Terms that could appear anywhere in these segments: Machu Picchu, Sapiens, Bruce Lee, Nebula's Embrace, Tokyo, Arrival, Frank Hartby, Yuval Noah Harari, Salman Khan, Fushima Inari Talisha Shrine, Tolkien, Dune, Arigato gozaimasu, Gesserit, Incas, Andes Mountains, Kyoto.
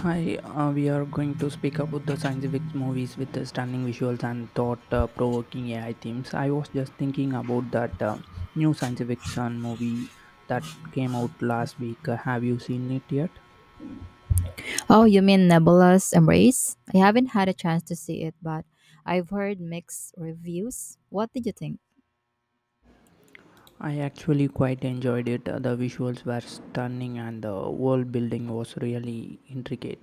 Hi, we are going to speak about the scientific movies with the stunning visuals and thought-provoking AI themes. I was just thinking about that new scientific sun movie that came out last week. Have you seen it yet? Oh, you mean Nebula's Embrace? I haven't had a chance to see it, but I've heard mixed reviews. What did you think? I actually quite enjoyed it. The visuals were stunning and the world building was really intricate.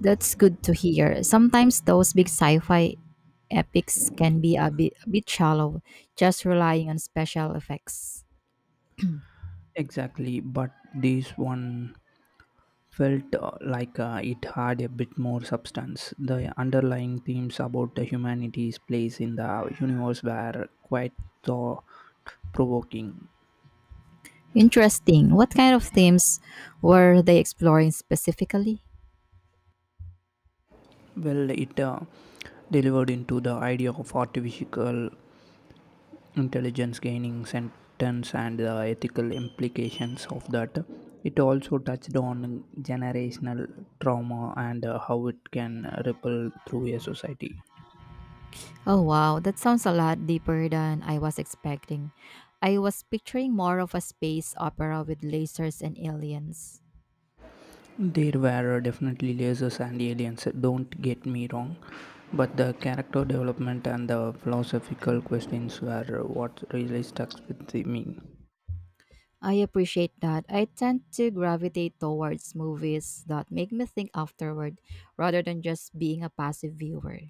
That's good to hear. Sometimes those big sci-fi epics can be a bit shallow, just relying on special effects. Exactly, but this one felt like it had a bit more substance. The underlying themes about the humanity's place in the universe were quite thought provoking. Interesting. What kind of themes were they exploring specifically? Well, it delivered into the idea of artificial intelligence gaining sentence and the ethical implications of that. It also touched on generational trauma and how it can ripple through a society. Oh, wow, that sounds a lot deeper than I was expecting. I was picturing more of a space opera with lasers and aliens. There were definitely lasers and aliens, don't get me wrong, but the character development and the philosophical questions were what really stuck with me. I appreciate that. I tend to gravitate towards movies that make me think afterward rather than just being a passive viewer.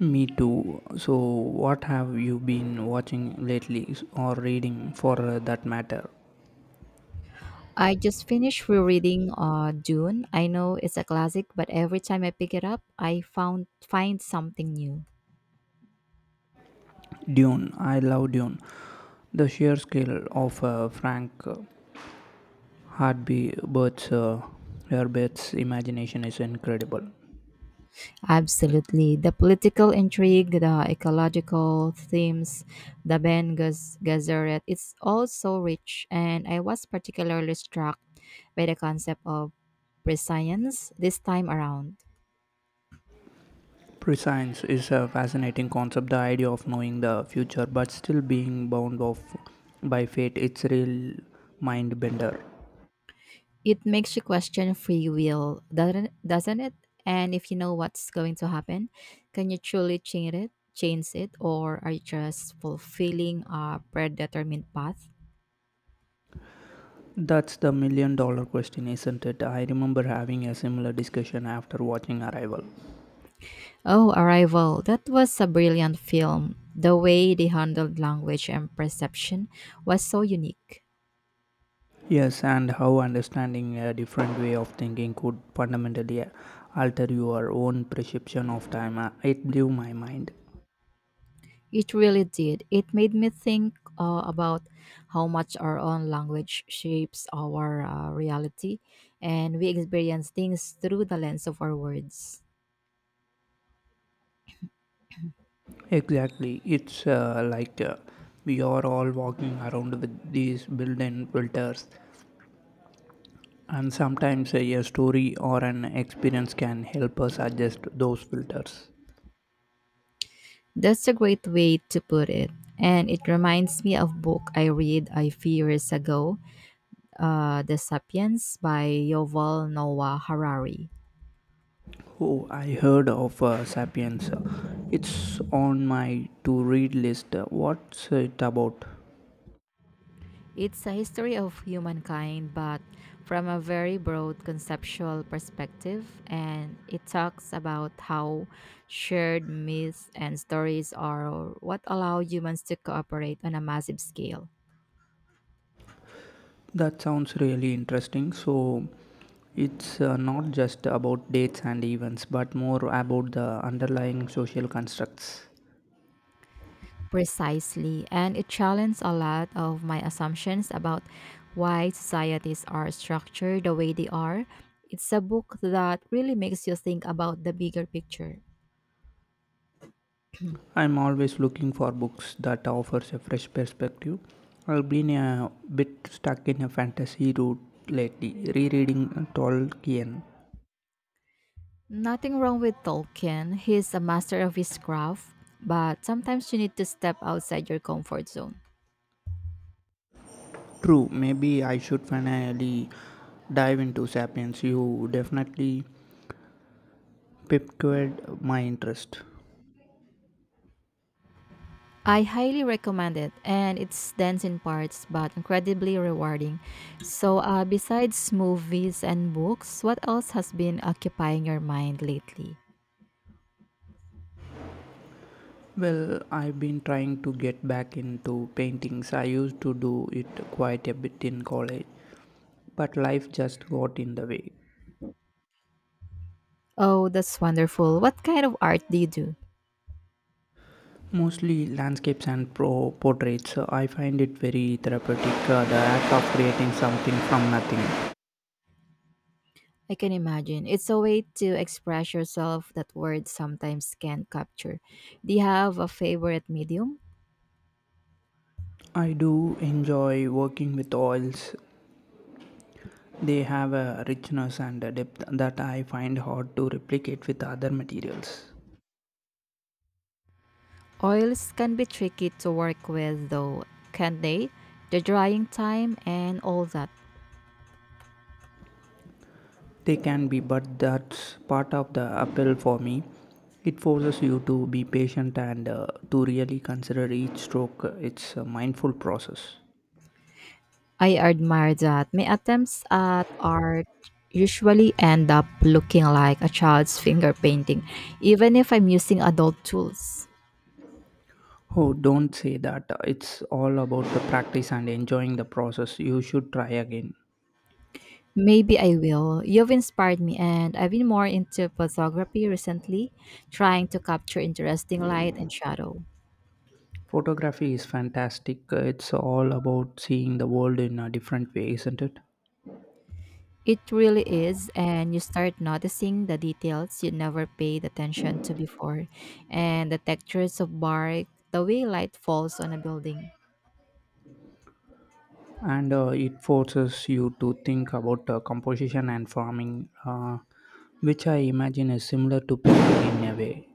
Me too. So, what have you been watching lately or reading for that matter? I just finished rereading Dune. I know it's a classic, but every time I pick it up, I found find something new. Dune. I love Dune. The sheer scale of Frank Hartby uh, Herbert's imagination is incredible. Absolutely. The political intrigue, the ecological themes, the Gesserit, it's all so rich, and I was particularly struck by the concept of prescience this time around. Prescience is a fascinating concept. The idea of knowing the future but still being bound off by fate. It's real mind bender. It makes you question free will, doesn't it? And if you know what's going to happen, can you truly change it? Change it, or are you just fulfilling a predetermined path? That's the million-dollar question, isn't it? I remember having a similar discussion after watching Arrival. Oh, Arrival! That was a brilliant film. The way they handled language and perception was so unique. Yes, and how understanding a different way of thinking could fundamentally alter your own perception of time. It blew my mind. It really did. It made me think about how much our own language shapes our reality, and we experience things through the lens of our words. Exactly. It's like we are all walking around with these built in filters. And sometimes a story or an experience can help us adjust those filters. That's a great way to put it. And it reminds me of book I read a few years ago, The Sapiens by Yuval Noah Harari. Oh, I heard of Sapiens. It's on my to read list. What's it about? It's a history of humankind, but from a very broad conceptual perspective, and it talks about how shared myths and stories are what allow humans to cooperate on a massive scale. That sounds really interesting. So, it's not just about dates and events, but more about the underlying social constructs. Precisely, and it challenged a lot of my assumptions about why societies are structured the way they are. It's a book that really makes you think about the bigger picture. I'm always looking for books that offers a fresh perspective. I've been a bit stuck in a fantasy route lately, rereading Tolkien. Nothing wrong with Tolkien, he's a master of his craft, but sometimes you need to step outside your comfort zone. True, maybe I should finally dive into Sapiens. You definitely piqued my interest. I highly recommend it, and it's dense in parts but incredibly rewarding. So, besides movies and books, what else has been occupying your mind lately? Well, I've been trying to get back into paintings. I used to do it quite a bit in college, but life just got in the way. Oh, that's wonderful. What kind of art do you do? Mostly landscapes and pro portraits. So, I find it very therapeutic, the act of creating something from nothing. I can imagine. It's a way to express yourself that words sometimes can't capture. Do you have a favorite medium? I do enjoy working with oils. They have a richness and a depth that I find hard to replicate with other materials. Oils can be tricky to work with, though, can't they? The drying time and all that. They can be, but that's part of the appeal for me. It forces you to be patient and to really consider each stroke. It's a mindful process. I admire that. My attempts at art usually end up looking like a child's finger painting, even if I'm using adult tools. Oh, don't say that. It's all about the practice and enjoying the process. You should try again. Maybe I will. You've inspired me, and I've been more into photography recently, trying to capture interesting light and shadow. Photography is fantastic. It's all about seeing the world in a different way, isn't it? It really is, and you start noticing the details you never paid attention to before, and the textures of bark, the way light falls on a building. And it forces you to think about composition and farming, which I imagine is similar to painting in a way.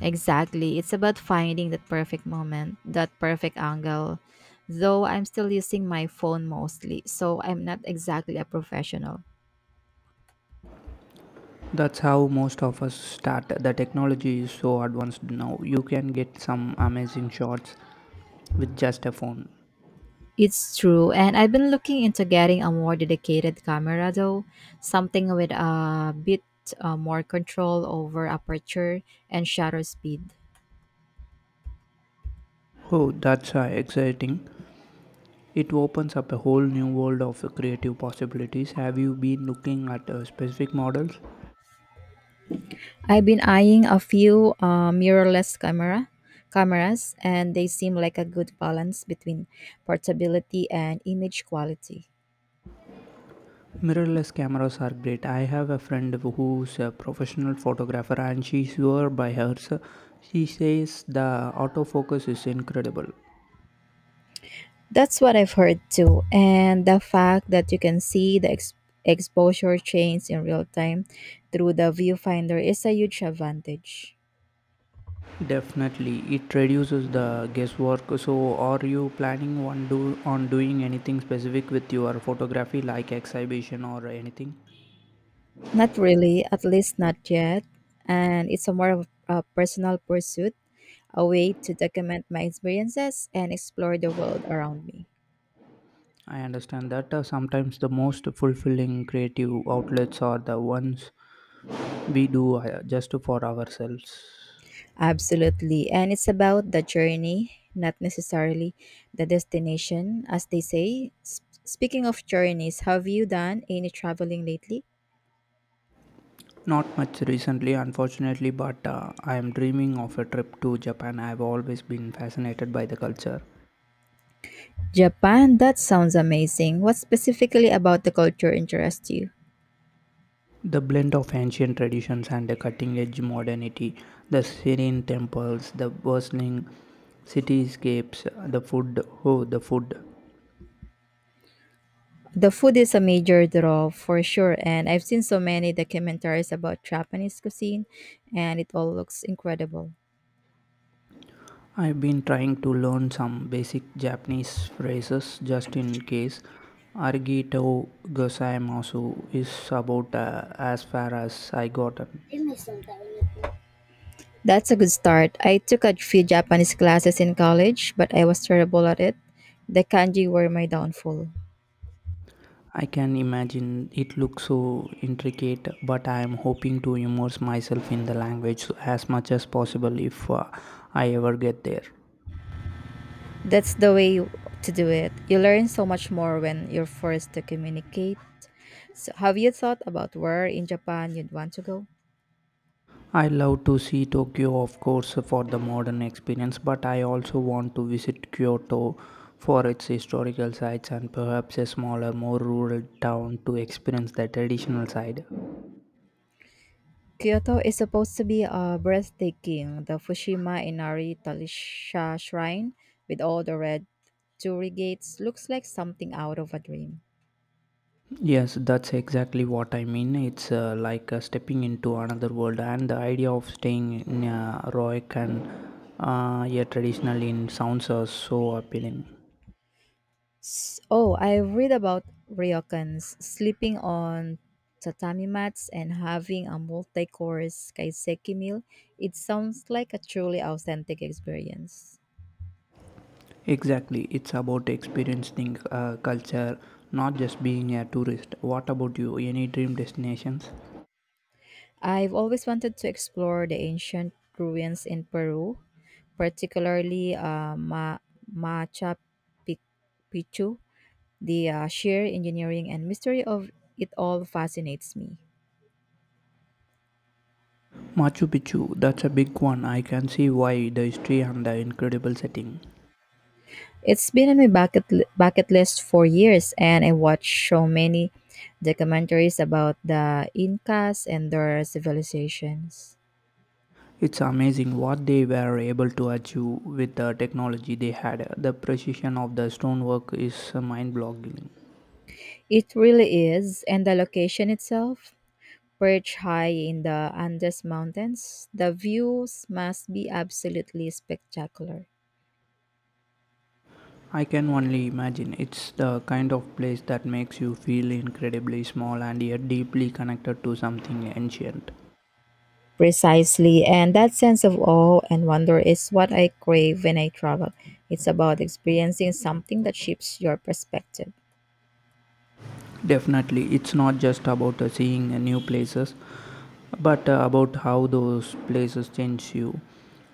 Exactly. It's about finding that perfect moment, that perfect angle. Though I'm still using my phone mostly, so I'm not exactly a professional. That's how most of us start. The technology is so advanced now. You can get some amazing shots with just a phone. It's true, and I've been looking into getting a more dedicated camera though, something with a bit more control over aperture and shutter speed. Oh, that's exciting. It opens up a whole new world of creative possibilities. Have you been looking at specific models? I've been eyeing a few mirrorless cameras, and they seem like a good balance between portability and image quality. Mirrorless cameras are great. I have a friend who's a professional photographer and she swear by hers. She says the autofocus is incredible. That's what I've heard too, and the fact that you can see the exposure change in real time through the viewfinder is a huge advantage. Definitely, it reduces the guesswork. So, are you planning on, on doing anything specific with your photography, like exhibition or anything? Not really, at least not yet. And it's a more of a personal pursuit, a way to document my experiences and explore the world around me. I understand that sometimes the most fulfilling creative outlets are the ones we do just for ourselves. Absolutely. And it's about the journey, not necessarily the destination, as they say. Speaking of journeys, have you done any traveling lately? Not much recently, unfortunately, but I am dreaming of a trip to Japan. I have always been fascinated by the culture. Japan, that sounds amazing. What specifically about the culture interests you? The blend of ancient traditions and the cutting edge modernity, the serene temples, the bustling cityscapes, the food. Oh, the food. The food is a major draw for sure, and I've seen so many documentaries about Japanese cuisine, and it all looks incredible. I've been trying to learn some basic Japanese phrases just in case. Arigato gozaimasu is about as far as I gotten. That's a good start. I took a few Japanese classes in college, but I was terrible at it. The kanji were my downfall. I can imagine it looks so intricate, but I am hoping to immerse myself in the language as much as possible if I ever get there. That's the way to do it. You learn so much more when you're forced to communicate. So, have you thought about where in Japan you'd want to go? I love to see Tokyo, of course, for the modern experience, but I also want to visit Kyoto for its historical sites and perhaps a smaller, more rural town to experience the traditional side. Kyoto is supposed to be breathtaking. The Fushima Inari Talisha Shrine, with all the red torii gates, looks like something out of a dream. Yes, that's exactly what I mean. It's like stepping into another world, and the idea of staying in a heroic and yet traditional in sounds so appealing. Oh, I read about ryokans sleeping on tatami mats and having a multi-course kaiseki meal. It sounds like a truly authentic experience. Exactly, it's about experiencing culture, not just being a tourist. What about you? Any dream destinations? I've always wanted to explore the ancient ruins in Peru, particularly Machu Pic- Picchu. The sheer engineering and mystery of it all fascinates me. Machu Picchu, that's a big one. I can see why the history and the incredible setting. It's been on my bucket list for years, and I watched so many documentaries about the Incas and their civilizations. It's amazing what they were able to achieve with the technology they had. The precision of the stonework is mind boggling. It really is, and the location itself perched high in the Andes Mountains, the views must be absolutely spectacular. I can only imagine it's the kind of place that makes you feel incredibly small and yet deeply connected to something ancient. Precisely, and that sense of awe and wonder is what I crave when I travel. It's about experiencing something that shifts your perspective. Definitely, it's not just about seeing new places, but about how those places change you.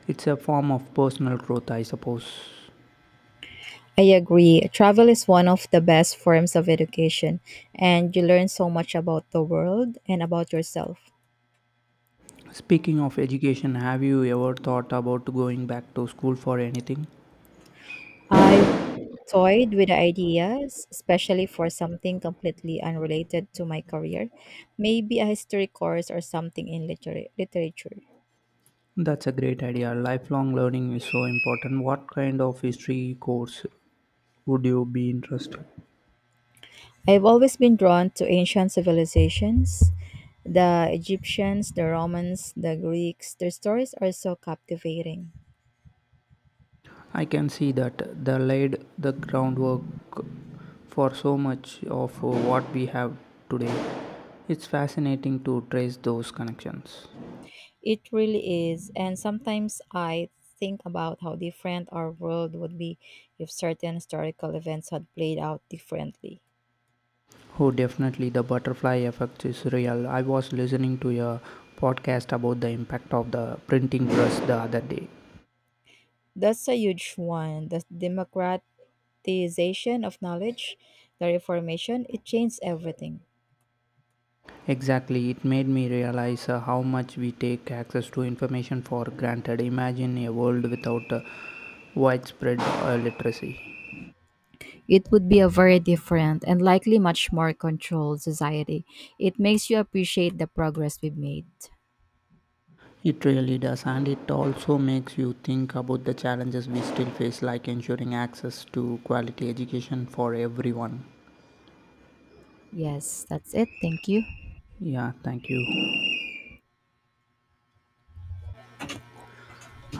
It's a form of personal growth, I suppose. I agree. Travel is one of the best forms of education, and you learn so much about the world and about yourself. Speaking of education, have you ever thought about going back to school for anything? I toyed with the ideas, especially for something completely unrelated to my career, maybe a history course or something in literature. That's a great idea. Lifelong learning is so important. What kind of history course would you be interested? I've always been drawn to ancient civilizations. The Egyptians, the Romans, the Greeks, their stories are so captivating. I can see that they laid the groundwork for so much of what we have today. It's fascinating to trace those connections. It really is, and sometimes I think about how different our world would be if certain historical events had played out differently. Oh, definitely the butterfly effect is real. I was listening to a podcast about the impact of the printing press the other day. That's a huge one. The democratization of knowledge, the reformation, it changed everything. Exactly, it made me realize how much we take access to information for granted. Imagine a world without widespread literacy. It would be a very different and likely much more controlled society. It makes you appreciate the progress we've made. It really does, and it also makes you think about the challenges we still face, like ensuring access to quality education for everyone. Yes, that's it. Thank you. Yeah, thank you.